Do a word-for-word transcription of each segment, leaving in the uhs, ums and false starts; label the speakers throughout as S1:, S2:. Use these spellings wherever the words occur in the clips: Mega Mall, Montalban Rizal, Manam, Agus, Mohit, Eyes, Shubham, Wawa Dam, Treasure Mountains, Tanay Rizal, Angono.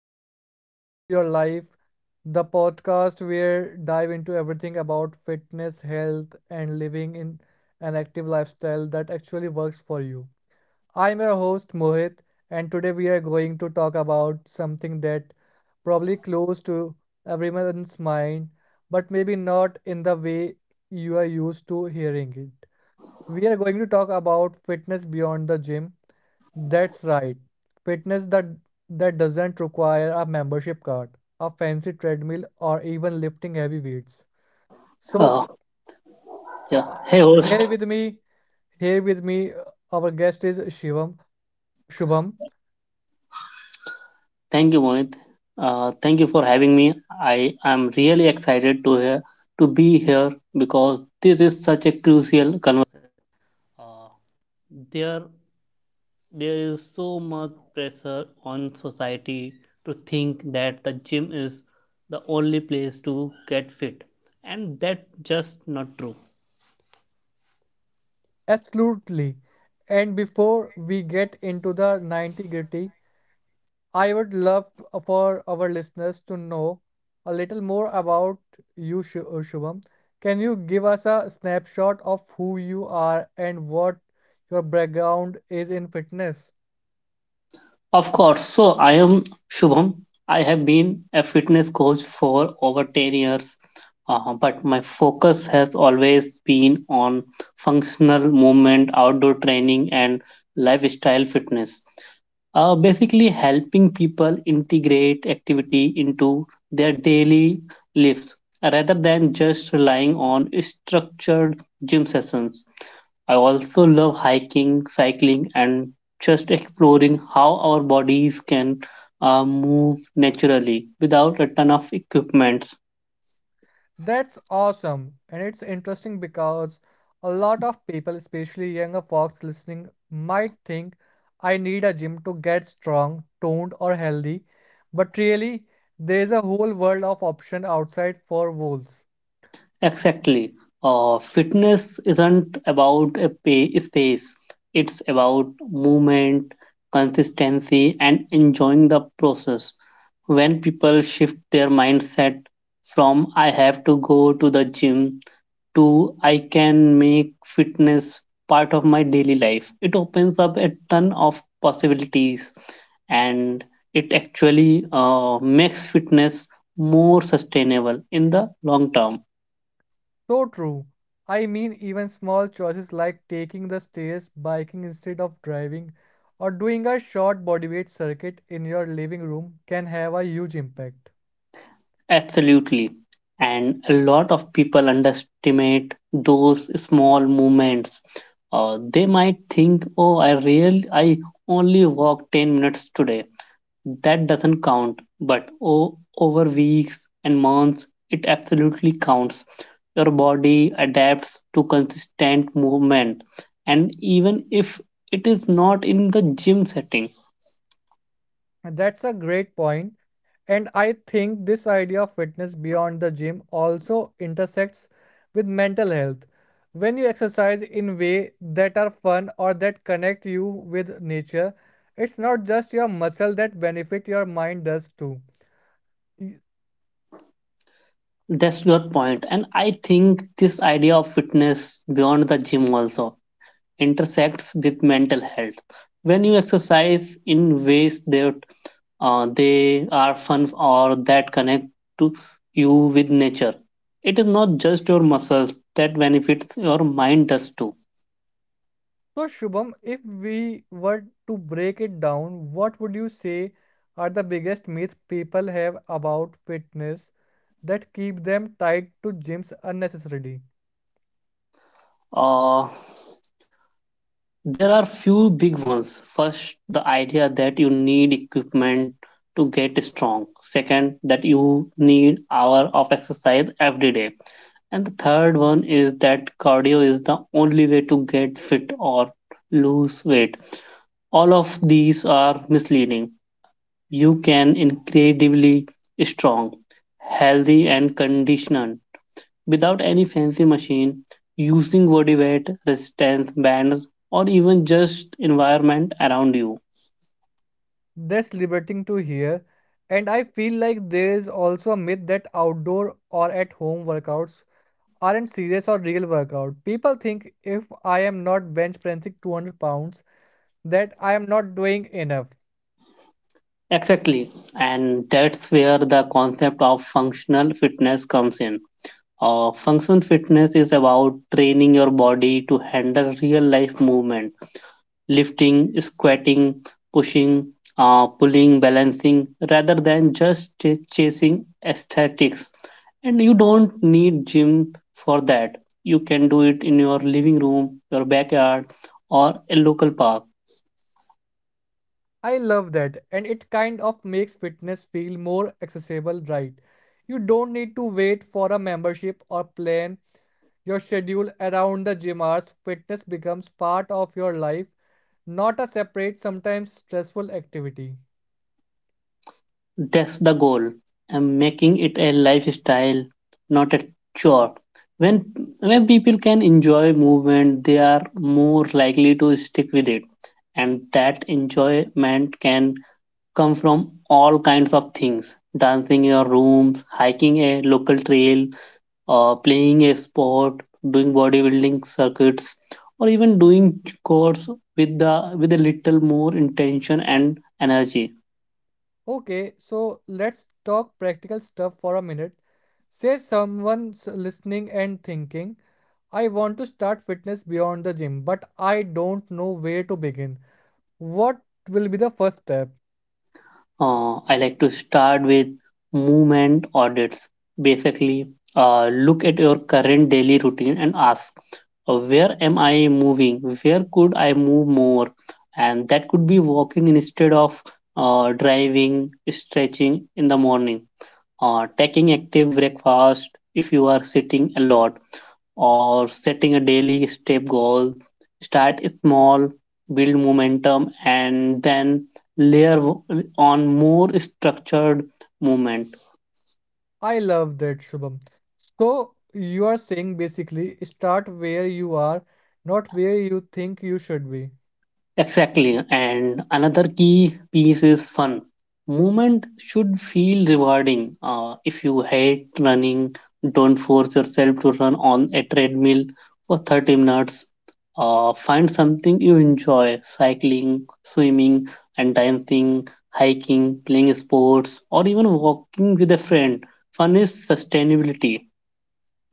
S1: everyone, to Move Your Life, the podcast where dive into everything about fitness, health, and living in an active lifestyle that actually works for you. I'm your host, Mohit, and today we are going to talk about something that probably close to everyone's mind, but maybe not in the way you are used to hearing it. We are going to talk about fitness beyond the gym that's right. Fitness that that doesn't require a membership card, a fancy treadmill, or even lifting heavy weights. So
S2: Uh, yeah.
S1: uh,
S2: Hey,
S1: here
S2: host.
S1: with me, here with me, uh, our guest is Shivam. Shubham,
S2: Thank you, Mohit. Uh, thank you for having me. I am really excited to hear to be here because this is such a crucial.
S1: absolutely. And before we get into the ninety gritty, I would love to, for our listeners to know a little more about you, Shu- uh, Shubham. Can you give us a snapshot of who you are and what your background is in fitness?
S2: Of course. So I am Shubham. I have been a fitness coach for over ten years, uh, but my focus has always been on functional movement, outdoor training, and lifestyle fitness. Uh, basically, helping people integrate activity into their daily lives rather than just relying on structured gym sessions. I also love hiking, cycling, and just exploring how our bodies can uh, move naturally without a ton of equipment.
S1: That's awesome, and it's interesting because a lot of people, especially younger folks listening, might think I need a gym to get strong, toned, or healthy, but really, there's a whole world of option outside for wolves.
S2: Exactly. Uh, fitness isn't about a pay- space, it's about movement, consistency, and enjoying the process. When people shift their mindset from I have to go to the gym to I can make fitness part of my daily life. It opens up a ton of possibilities, and it actually uh, makes fitness more sustainable in the long term.
S1: So true. I mean, even small choices like taking the stairs, biking instead of driving, or doing a short bodyweight circuit in your living room can have a huge impact.
S2: Absolutely. And a lot of people underestimate those small movements. Uh, they might think, oh, I really, I only walk ten minutes today. That doesn't count, but o- over weeks and months, it absolutely counts. Your body adapts to consistent movement, and even if it is not in the gym setting,
S1: That's a great point, and I think this idea of fitness beyond the gym also intersects with mental health. When you exercise in ways that are fun or that connect you with nature, it's not just your muscle that benefit, your mind does too.
S2: that's your point. And I think this idea of fitness beyond the gym also intersects with mental health. When you exercise in ways that uh, they are fun or that connect to you with nature, it is not just your muscles that benefits, your mind does too.
S1: So, Shubham, if we were to break it down, what would you say are the biggest myths people have about fitness that keep them tied to gyms unnecessarily?
S2: uh, there are few big ones. First, the idea that you need equipment to get strong. Second, that you need hour of exercise every day. And the third one is that cardio is the only way to get fit or lose weight. All of these are misleading. You can incredibly strong, healthy, and conditioned without any fancy machine, using body weight, resistance bands, or even just environment around you.
S1: That's liberating to hear. And I feel like there is also a myth that outdoor or at home workouts aren't serious or real workout. People think if I am not bench pressing two hundred pounds, that I am not doing enough.
S2: Exactly. And that's where the concept of functional fitness comes in. Uh, functional fitness is about training your body to handle real life movement, lifting, squatting, pushing, uh, pulling, balancing, rather than just ch- chasing aesthetics. And you don't need gym for that. You can do it in your living room, your backyard, or a local park.
S1: I love that, and it kind of makes fitness feel more accessible, right? You don't need to wait for a membership or plan your schedule around the gym hours. Fitness becomes part of your life, not a separate, sometimes stressful activity.
S2: That's the goal. I'm making it a lifestyle, not a chore. When when people can enjoy movement, they are more likely to stick with it, and that enjoyment can come from all kinds of things, dancing in your rooms, hiking a local trail, uh, playing a sport, doing bodybuilding circuits, or even doing chores with the with a little more intention and energy.
S1: Okay, so let's talk practical stuff for a minute. Say someone's listening and thinking, I want to start fitness beyond the gym, but I don't know where to begin. What will be the first step?
S2: Uh, I like to start with movement audits. Basically, uh, look at your current daily routine and ask, uh, where am I moving? Where could I move more? And that could be walking instead of uh, driving, stretching in the morning, uh, taking active breakfast if you are sitting a lot, or setting a daily step goal. Start small, build momentum, and then layer on more structured movement.
S1: I love that, Shubham. So you are saying basically start where you are, not where you think you should be.
S2: Exactly. And another key piece is fun. Movement should feel rewarding. Uh, if you hate running, don't force yourself to run on a treadmill for thirty minutes. Uh, find something you enjoy, cycling, swimming, and dancing, hiking, playing sports, or even walking with a friend. Fun is sustainability.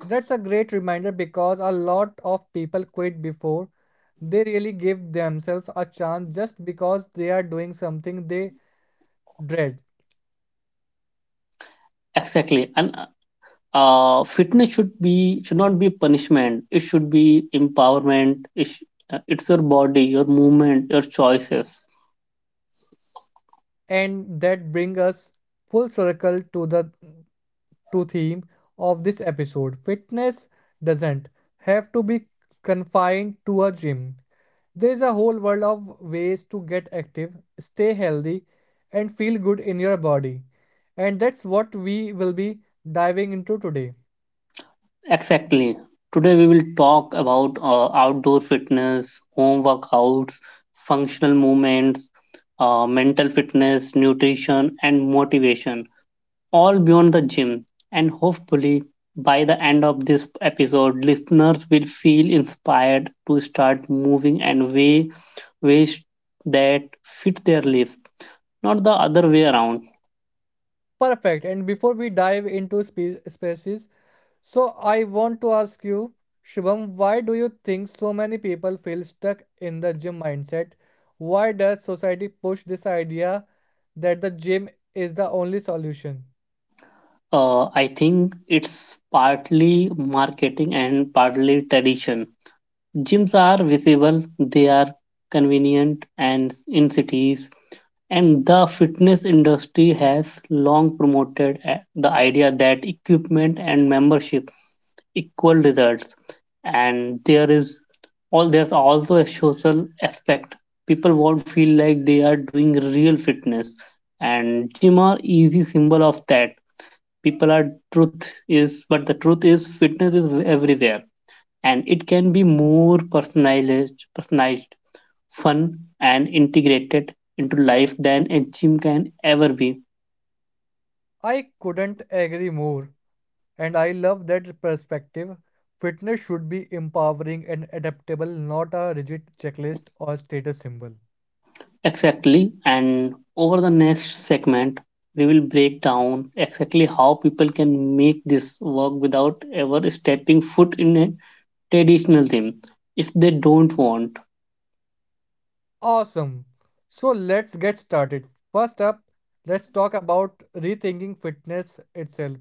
S1: That's a great reminder because a lot of people quit before they really give themselves a chance just because they are doing something they dread.
S2: Exactly. And uh, fitness should be should not be punishment, it should be empowerment, it sh- uh, it's your body, your movement, your choices.
S1: And that brings us full circle to the to theme of this episode. Fitness doesn't have to be confined to a gym. There's a whole world of ways to get active, stay healthy, and feel good in your body. And that's what we will be diving into today.
S2: Exactly, today we will talk about uh, outdoor fitness, home workouts, functional movements, uh, mental fitness, nutrition, and motivation, all beyond the gym. And hopefully by the end of this episode, listeners will feel inspired to start moving and way ways that fit their life, not the other way around.
S1: Perfect. And before we dive into spe- species, so I want to ask you, Shubham, why do you think so many people feel stuck in the gym mindset? Why does society push this idea that the gym is the only solution?
S2: Uh, I think it's partly marketing and partly tradition. Gyms are visible, they are convenient, and in cities, and the fitness industry has long promoted uh, the idea that equipment and membership equal results. And there is all there's also a social aspect. People won't feel like they are doing real fitness and gym are easy symbol of that people are truth is but the truth is fitness is everywhere, and it can be more personalized personalized, fun, and integrated into life than a gym can ever be.
S1: I couldn't agree more. And I love that perspective. Fitness should be empowering and adaptable, not a rigid checklist or status symbol.
S2: Exactly. And over the next segment, we will break down exactly how people can make this work without ever stepping foot in a traditional gym if they don't want.
S1: Awesome. So let's get started. First up, let's talk about rethinking fitness itself.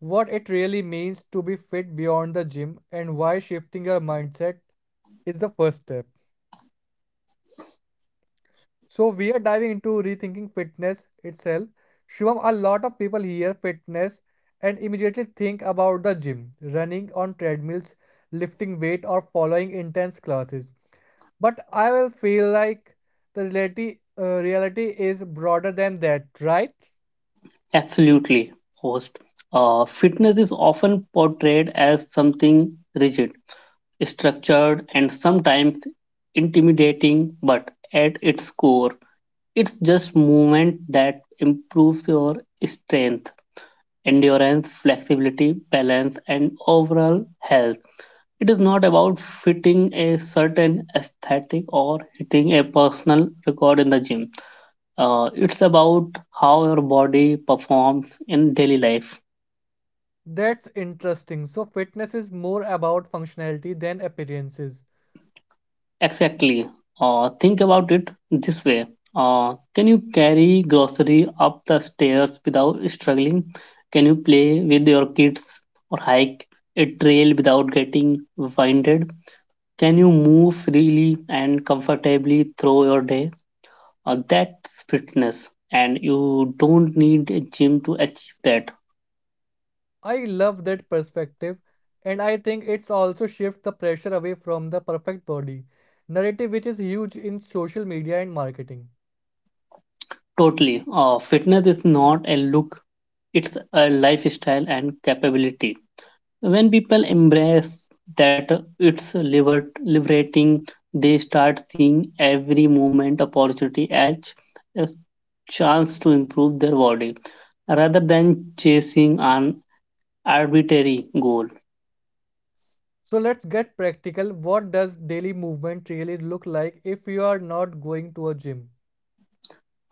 S1: What it really means to be fit beyond the gym and why shifting your mindset is the first step. So we are diving into rethinking fitness itself. Shivam, a lot of people hear fitness and immediately think about the gym, running on treadmills, lifting weight, or following intense classes. But I will feel like the reality, uh, reality is broader than that, right?
S2: Absolutely. Host. Uh, fitness is often portrayed as something rigid, structured, and sometimes intimidating, but at its core, it's just movement that improves your strength, endurance, flexibility, balance, and overall health. It is not about fitting a certain aesthetic or hitting a personal record in the gym. Uh, it's about how your body performs in daily life.
S1: That's interesting. So fitness is more about functionality than appearances.
S2: Exactly. Uh, think about it this way. Uh, can you carry grocery up the stairs without struggling? Can you play with your kids or hike a trail without getting winded? Can you move freely and comfortably through your day? Uh, that's fitness, and you don't need a gym to achieve that.
S1: I love that perspective, and I think it's also shifts the pressure away from the perfect body narrative, which is huge in social media and marketing.
S2: Totally. Uh, fitness is not a look, it's a lifestyle and capability. When people embrace that, uh, it's liber- liberating, they start seeing every moment opportunity as a chance to improve their body rather than chasing an arbitrary goal.
S1: So let's get practical. What does daily movement really look like if you are not going to a gym?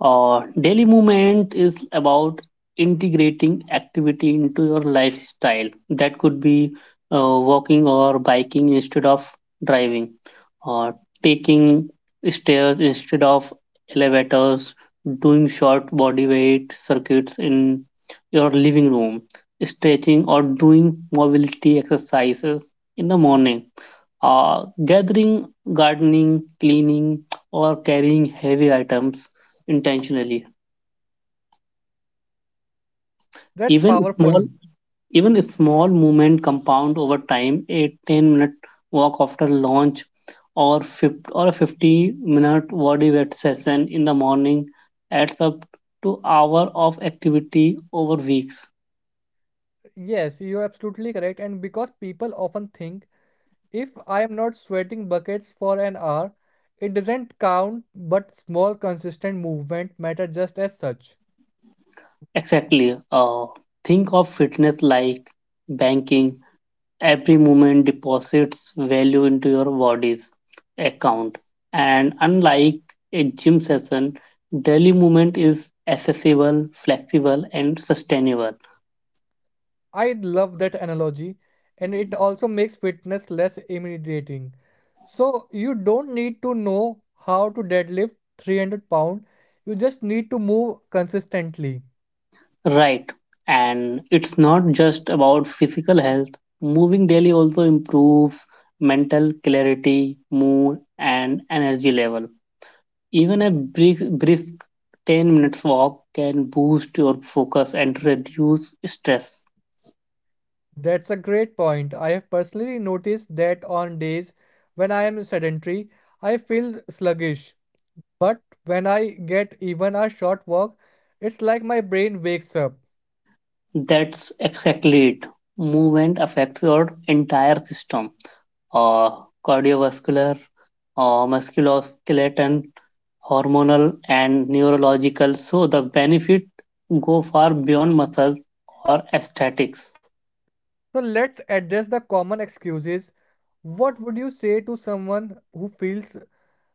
S2: Uh, daily movement is about integrating activity into your lifestyle. That could be uh, walking or biking instead of driving, or taking stairs instead of elevators, doing short body weight circuits in your living room, stretching or doing mobility exercises in the morning, uh, gathering, gardening, cleaning, or carrying heavy items intentionally.
S1: That's
S2: Even small,
S1: powerful.
S2: even a small movement compound over time. A ten-minute walk after lunch, or fifty, or a fifty-minute body weight session in the morning adds up to hour of activity over weeks.
S1: Yes, you're absolutely correct. And because people often think if I am not sweating buckets for an hour, it doesn't count, but small, consistent movement matter just as such.
S2: Exactly. Uh, think of fitness like banking. Every movement deposits value into your body's account. And unlike a gym session, daily movement is accessible, flexible, and sustainable.
S1: I love that analogy, and it also makes fitness less intimidating. So you don't need to know how to deadlift three hundred pound. You just need to move consistently.
S2: Right. And it's not just about physical health. Moving daily also improves mental clarity, mood, and energy level. Even a brisk, brisk ten minutes walk can boost your focus and reduce stress.
S1: That's a great point. I have personally noticed that on days when I am sedentary, I feel sluggish. But when I get even a short walk, it's like my brain wakes up.
S2: That's exactly it. Movement affects your entire system, uh, cardiovascular, uh, musculoskeleton, hormonal, and neurological. So the benefit go far beyond muscles or aesthetics.
S1: So let's address the common excuses. What would you say to someone who feels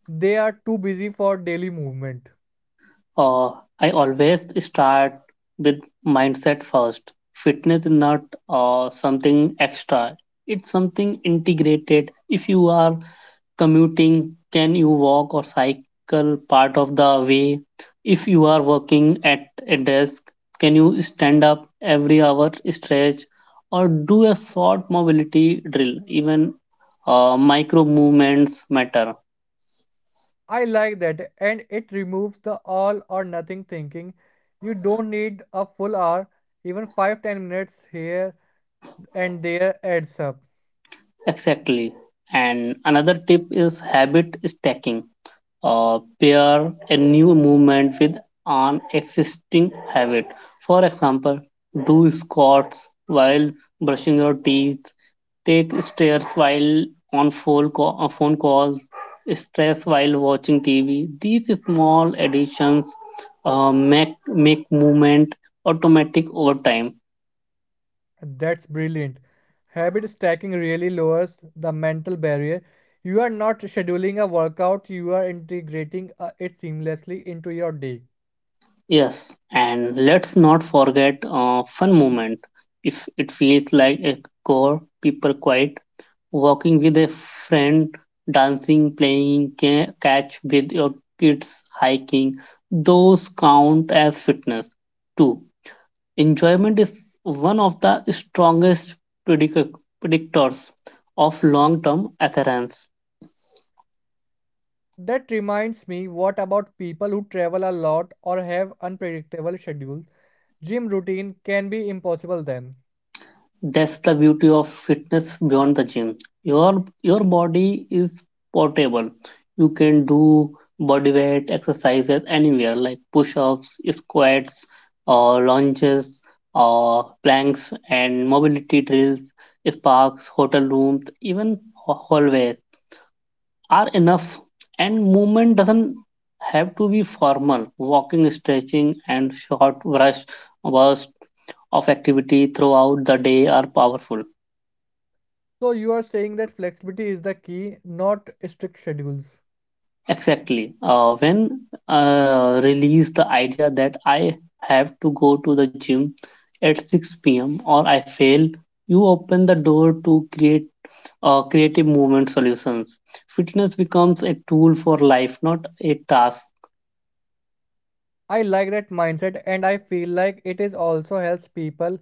S1: they are too busy for daily movement?
S2: Uh, I always start with mindset first. Fitness is not uh, something extra; it's something integrated. If you are commuting, can you walk or cycle part of the way? If you are working at a desk, can you stand up every hour, stretch, or do a short mobility drill? Even uh, micro movements matter.
S1: I like that, and it removes the all or nothing thinking. You don't need a full hour, even five, ten minutes here and there adds up.
S2: Exactly. And another tip is habit stacking, uh, pair a new movement with an existing habit. For example, do squats while brushing your teeth, take stairs while on phone ca- uh, phone calls, stress while watching T V. These small additions uh, make make movement automatic over time.
S1: That's brilliant. Habit stacking really lowers the mental barrier. You are not scheduling a workout, you are integrating uh, it seamlessly into your day.
S2: Yes, and let's not forget uh, fun moment. If it feels like a core, people quiet, walking with a friend, dancing, playing ca- catch with your kids, hiking, those count as fitness. Two, enjoyment is one of the strongest predic- predictors of long term adherence.
S1: That reminds me, what about people who travel a lot or have unpredictable schedules? Gym routine can be impossible then.
S2: That's the beauty of fitness beyond the gym. Your your body is portable. You can do body weight exercises anywhere, like push-ups, squats, or lunges, or planks and mobility drills, parks, hotel rooms, even ha- hallways are enough. And movement doesn't have to be formal. Walking, stretching, and short brush bursts of activity throughout the day are powerful.
S1: So you are saying that flexibility is the key, not strict schedules.
S2: Exactly. Uh, when uh, release the idea that I have to go to the gym at six p m or I fail, you open the door to create uh, creative movement solutions. Fitness becomes a tool for life, not a task.
S1: I like that mindset and I feel like it is also helps people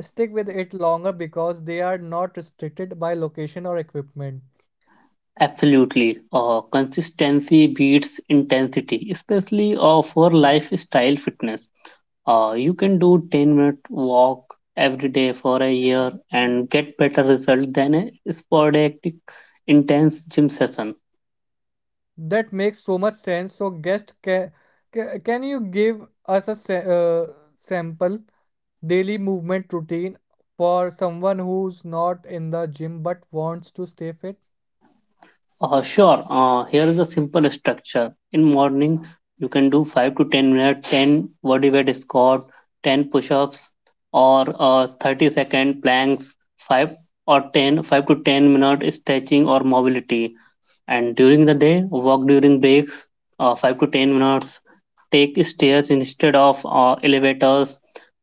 S1: stick with it longer because they are not restricted by location or equipment.
S2: Absolutely. Uh, consistency beats intensity, especially uh, for lifestyle fitness. Uh, you can do ten minute walk every day for a year and get better result than a sporadic intense gym session.
S1: That makes so much sense. So guest can can you give us a sa- uh, sample daily movement routine for someone who's not in the gym but wants to stay fit?
S2: Uh, sure, uh, here is a simple structure. In morning, you can do five to ten minutes, ten body weight squat, ten push-ups, or uh, thirty second planks, five or ten, five to ten minute stretching or mobility. And during the day, walk during breaks, uh, five to ten minutes. Take stairs instead of uh, elevators.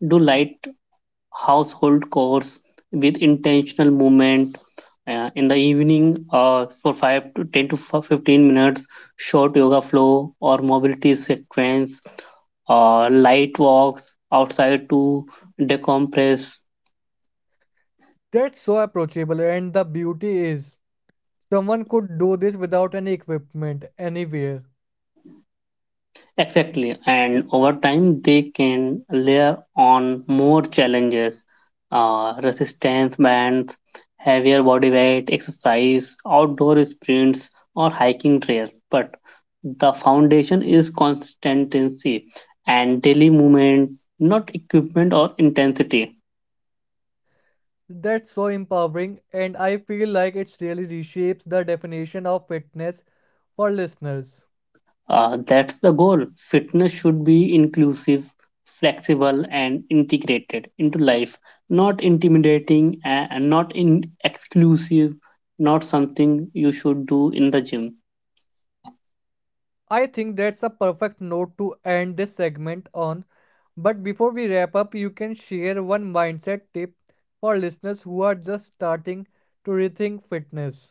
S2: Do light household chores with intentional movement. Uh, in the evening, uh, for five to ten to fifteen minutes, short yoga flow or mobility sequence, uh, light walks outside to decompress.
S1: That's so approachable, and the beauty is someone could do this without any equipment anywhere.
S2: Exactly, and over time they can layer on more challenges, uh, resistance bands, heavier body weight, exercise, outdoor sprints, or hiking trails. But the foundation is consistency and daily movement, not equipment or intensity.
S1: That's so empowering, and I feel like it really reshapes the definition of fitness for listeners.
S2: Uh, that's the goal. Fitness should be inclusive, flexible, and integrated into life, not intimidating a- and not in exclusive, not something you should do in the gym.
S1: I think that's a perfect note to end this segment on. But before we wrap up, you can share one mindset tip for listeners who are just starting to rethink fitness.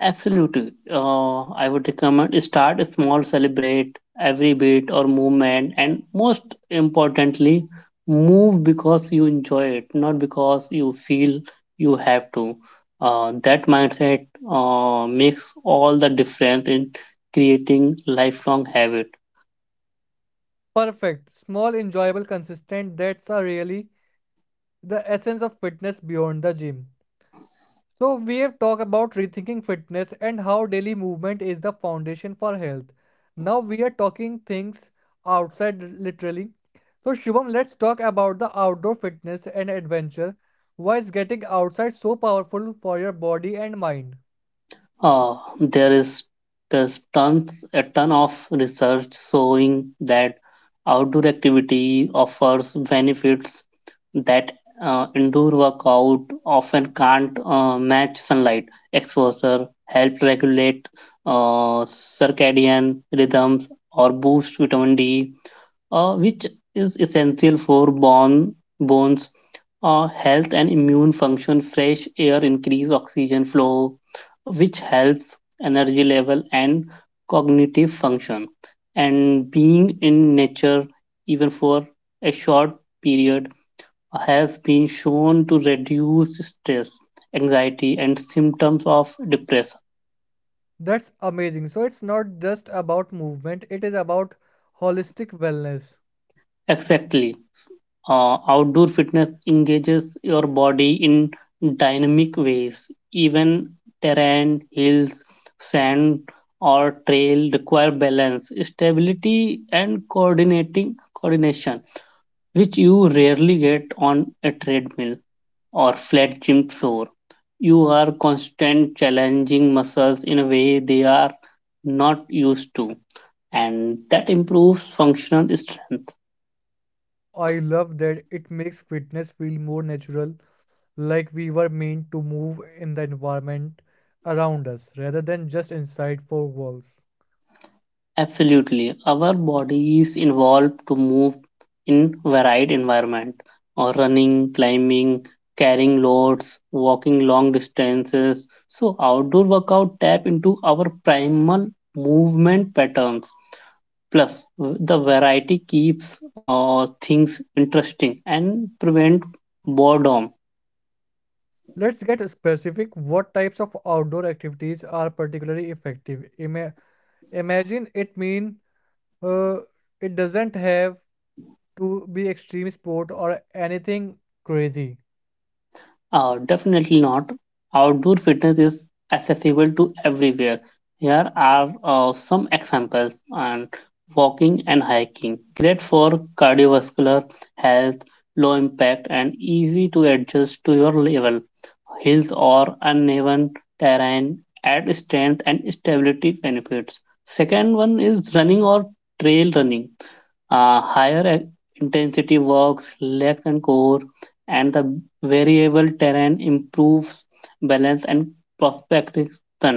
S2: Absolutely. Uh, I would recommend start small, celebrate every bit or movement, and most importantly, move because you enjoy it, not because you feel you have to. Uh, that mindset uh, makes all the difference in creating lifelong habit.
S1: Perfect. Small, enjoyable, consistent. That's a really the essence of fitness beyond the gym. So, we have talked about rethinking fitness and how daily movement is the foundation for health. Now, we are talking things outside literally. So, Shubham, let's talk about the outdoor fitness and adventure. Why is getting outside so powerful for your body and mind?
S2: Uh, there is there's tons a ton of research showing that outdoor activity offers benefits that uh, indoor workout often can't uh, match sunlight exposure help regulate uh, circadian rhythms or boost vitamin d uh, which is essential for bone bones uh, health and immune function, fresh air increase oxygen flow, which helps energy level and cognitive function. And being in nature, even for a short period, has been shown to reduce stress, anxiety, and symptoms of depression.
S1: That's amazing. So, it's not just about movement, it is about holistic wellness.
S2: Exactly. Uh, outdoor fitness engages your body in dynamic ways. Even terrain, hills, sand, or trail require balance, stability, and coordinating coordination, which you rarely get on a treadmill or flat gym floor. You are constant challenging muscles in a way they are not used to, and that improves functional strength.
S1: I love that it makes fitness feel more natural like we were meant to move in the environment around us rather than just inside four walls.
S2: Absolutely. Our body is involved to move in varied environment or running, climbing, carrying loads, walking long distances. So outdoor workout tap into our primal movement patterns. Plus, w- the variety keeps uh, things interesting and prevent boredom.
S1: Let's get specific. What types of outdoor activities are particularly effective? Ima- imagine it mean uh, it doesn't have to be extreme sport or anything crazy.
S2: Uh, definitely not. Outdoor fitness is accessible to everywhere. Here are uh, some examples and walking and hiking. Great for cardiovascular health, low impact and easy to adjust to your level. Hills or uneven terrain add strength and stability benefits. Second one is running or trail running, uh, higher e- intensity works legs and core, and the variable terrain improves balance and prospection.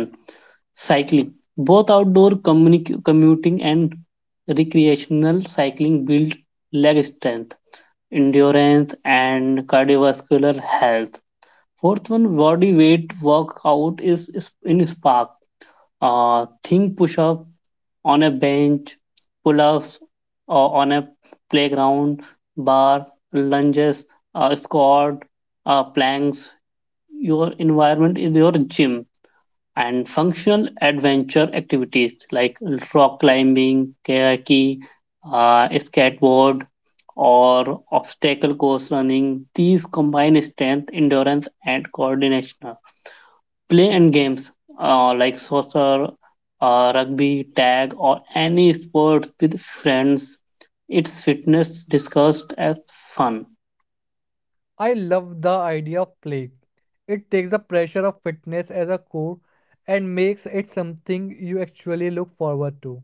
S2: Cycling, both outdoor communi- commuting and recreational cycling, build leg strength, endurance and cardiovascular health. Fourth one, body weight workout is, is in spark, uh, think push-up on a bench, pull ups uh, on a playground, bar, lunges, uh, squat, uh, planks. Your environment is your gym. And functional adventure activities like rock climbing, kayaking, uh, skateboard, or obstacle course running. These combine strength, endurance, and coordination. Play and games uh, like soccer, uh, rugby, tag, or any sports with friends. It's fitness discussed as fun.
S1: I love the idea of play. It takes the pressure of fitness as a core and makes it something you actually look forward to.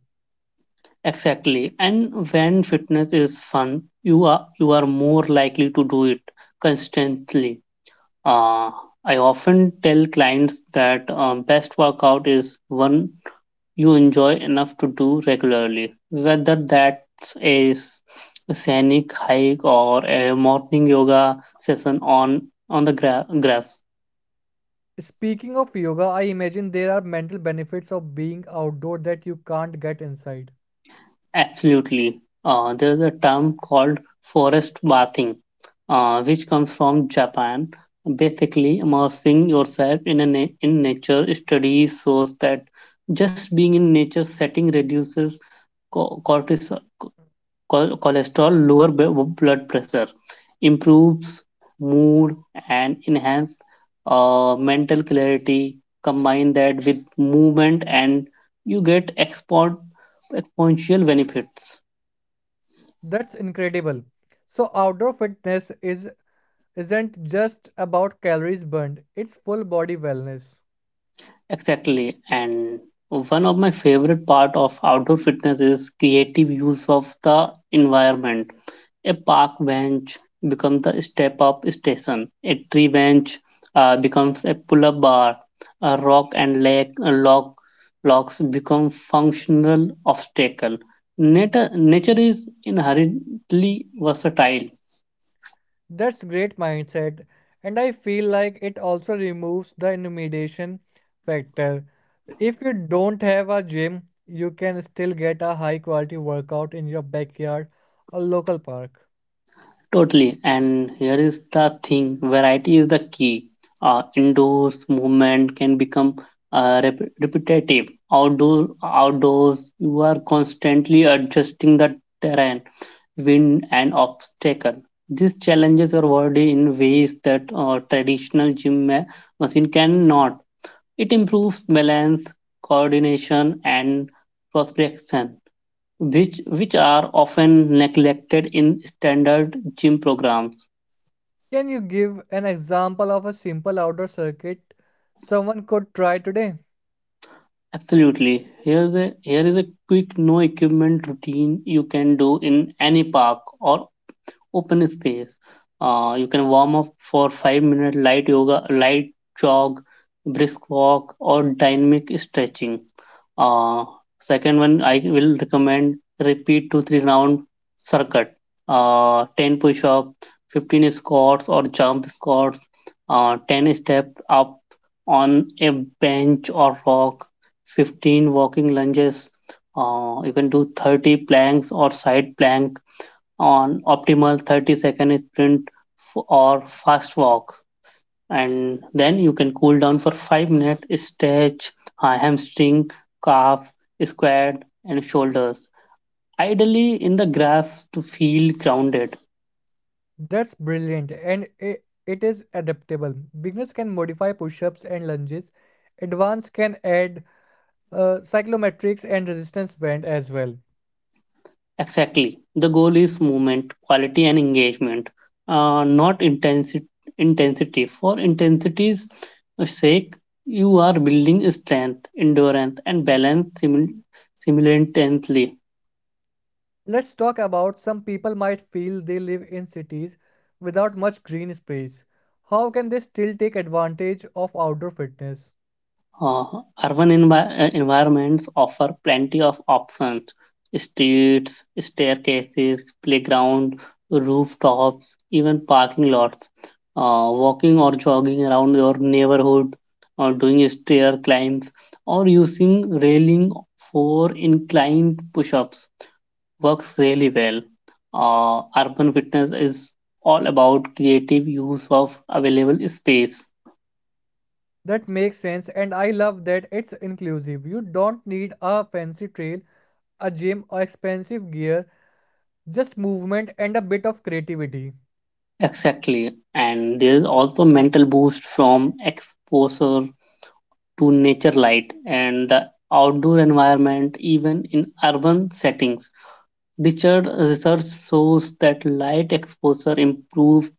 S2: Exactly. And when fitness is fun, you are you are more likely to do it consistently. Uh, I often tell clients that um, best workout is one you enjoy enough to do regularly, whether that's a scenic hike or a morning yoga session on on the gra- grass.
S1: Speaking of yoga, I imagine there are mental benefits of being outdoor that you can't get inside.
S2: Absolutely. Uh, there's a term called forest bathing, uh, which comes from Japan. Basically, immersing yourself in a na- in nature. Studies shows that just being in nature setting reduces co- cortisol, chol- cholesterol, lower b- blood pressure, improves mood and enhance uh, mental clarity. Combine that with movement and you get export exponential benefits.
S1: That's incredible. So outdoor fitness is isn't just about calories burned, it's full body wellness.
S2: Exactly. And one of my favorite part of outdoor fitness is creative use of the environment. A park bench becomes the step up station. A tree bench uh, becomes a pull up bar. A rock and lake, a log, logs become functional obstacle. Nature nature is inherently versatile.
S1: That's great mindset, and I feel like it also removes the intimidation factor. If you don't have a gym, you can still get a high quality workout in your backyard or local park.
S2: Totally. And here is the thing, variety is the key. Uh, indoors movement can become uh, rep- repetitive. Outdoor, outdoors, you are constantly adjusting the terrain, wind and obstacle. These challenges your body in ways that uh, traditional gym ma- machine cannot. It improves balance, coordination, and proprioception, which which are often neglected in standard gym programs.
S1: Can you give an example of a simple outdoor circuit someone could try today?
S2: Absolutely. Here's a, here is a quick no equipment routine you can do in any park or open space. Uh, you can warm up for five minute light yoga, light jog, brisk walk, or dynamic stretching. Uh, Second one, I will recommend repeat two three round circuit. Uh, ten push up, fifteen squats or jump squats, uh, ten steps up on a bench or rock, fifteen walking lunges. Uh, you can do thirty planks or side plank on optimal thirty second sprint or fast walk, and then you can cool down for five minute stretch, uh, hamstring, calf, squat and shoulders, ideally in the grass to feel grounded.
S1: That's brilliant and i- it is adaptable. Beginners can modify push ups and lunges, advanced can add uh, cyclometrics and resistance band as well.
S2: Exactly, the goal is movement quality and engagement, uh, not intensity intensity for intensity's sake. You are building strength, endurance and balance simul- simultaneously.
S1: Let's talk about some people might feel they live in cities without much green space. How can they still take advantage of outdoor fitness?
S2: Uh, Urban envi- uh, environments offer plenty of options: streets, staircases, playground, rooftops, even parking lots. Uh, walking or jogging around your neighborhood, or doing stair climbs, or using railing for inclined push ups works really well. Uh, urban fitness is all about creative use of available space.
S1: That makes sense, and I love that it's inclusive. You don't need a fancy trail a gym or expensive gear, just movement and a bit of creativity.
S2: Exactly. And there's also mental boost from exposure to nature light and the outdoor environment, even in urban settings. Richard research shows that light exposure improves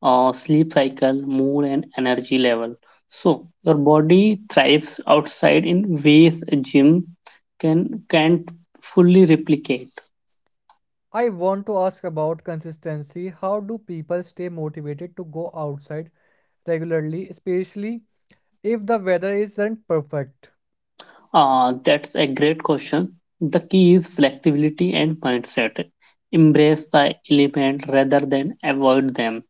S2: uh, sleep cycle, mood, and energy level. So your body thrives outside in ways a gym can can't fully replicate.
S1: I want to ask about consistency. How do people stay motivated to go outside regularly, especially if the weather isn't perfect?
S2: Uh, that's a great question. The key is flexibility and mindset. Embrace the element rather than avoid them.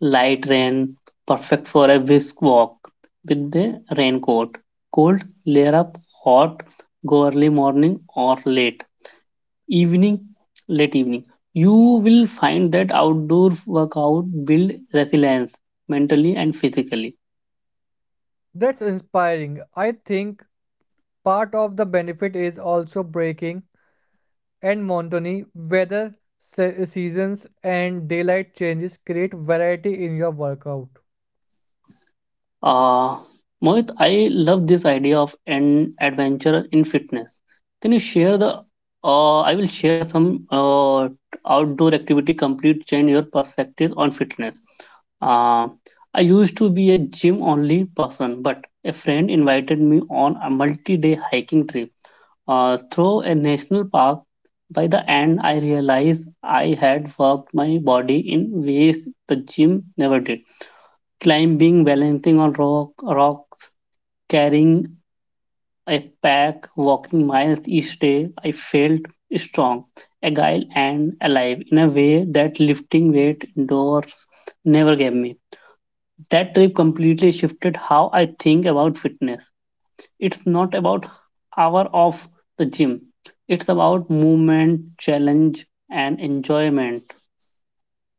S2: Light rain, perfect for a brisk walk with the raincoat. Cold, layer up, hot, go early morning or late. Evening, late evening. You will find that outdoor workout build resilience mentally and physically.
S1: That's inspiring. I think part of the benefit is also breaking and monotony. Weather, se- seasons, and daylight changes create variety in your workout.
S2: Uh, Mohit, I love this idea of an adventure in fitness. Can you share the? Uh, I will share some uh, outdoor activity. Complete change your perspective on fitness. Uh, I used to be a gym only person, but a friend invited me on a multi day hiking trip uh, through a national park. By the end, I realized I had worked my body in ways the gym never did: climbing, balancing on rock, rocks, carrying a pack, walking miles each day. I felt strong, agile, and alive in a way that lifting weight indoors never gave me. That trip completely shifted how I think about fitness. It's not about hour of the gym. It's about movement, challenge, and enjoyment.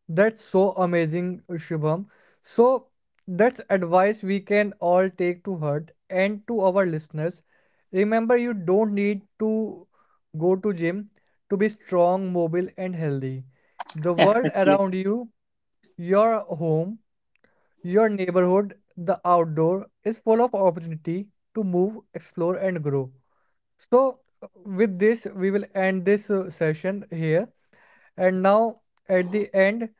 S1: That's so amazing, Shubham. So, that's advice we can all take to heart and to our listeners. Remember, you don't need to go to gym to be strong, mobile, and healthy. The world
S2: Exactly.
S1: around you, your home, your neighborhood, the outdoor is full of opportunity to move, explore, and grow. So, with this, we will end this uh, session here. And now, at the end,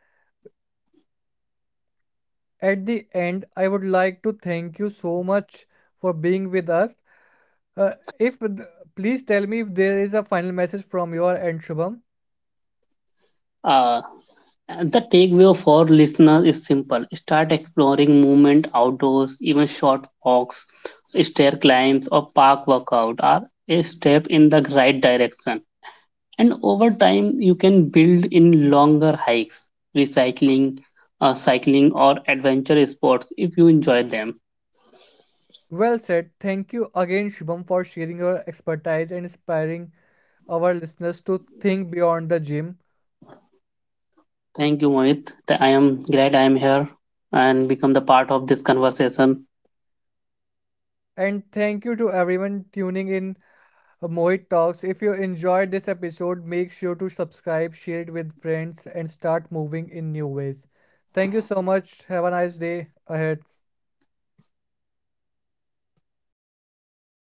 S1: At the end, I would like to thank you so much for being with us. Uh, if Please tell me if there is a final message from your end, Shubham.
S2: Uh, And the takeaway for listeners is simple. Start exploring movement outdoors, even short walks, stair climbs, or park workout are a step in the right direction. And over time, you can build in longer hikes, recycling, uh, cycling, or adventure sports if you enjoy them.
S1: Well said. Thank you again, Shubham, for sharing your expertise and inspiring our listeners to think beyond the gym.
S2: Thank you, Mohit. I am glad I am here and become the part of this conversation.
S1: And thank you to everyone tuning in uh, Mohit Talks. If you enjoyed this episode, make sure to subscribe, share it with friends, and start moving in new ways. Thank you so much. Have a nice day ahead.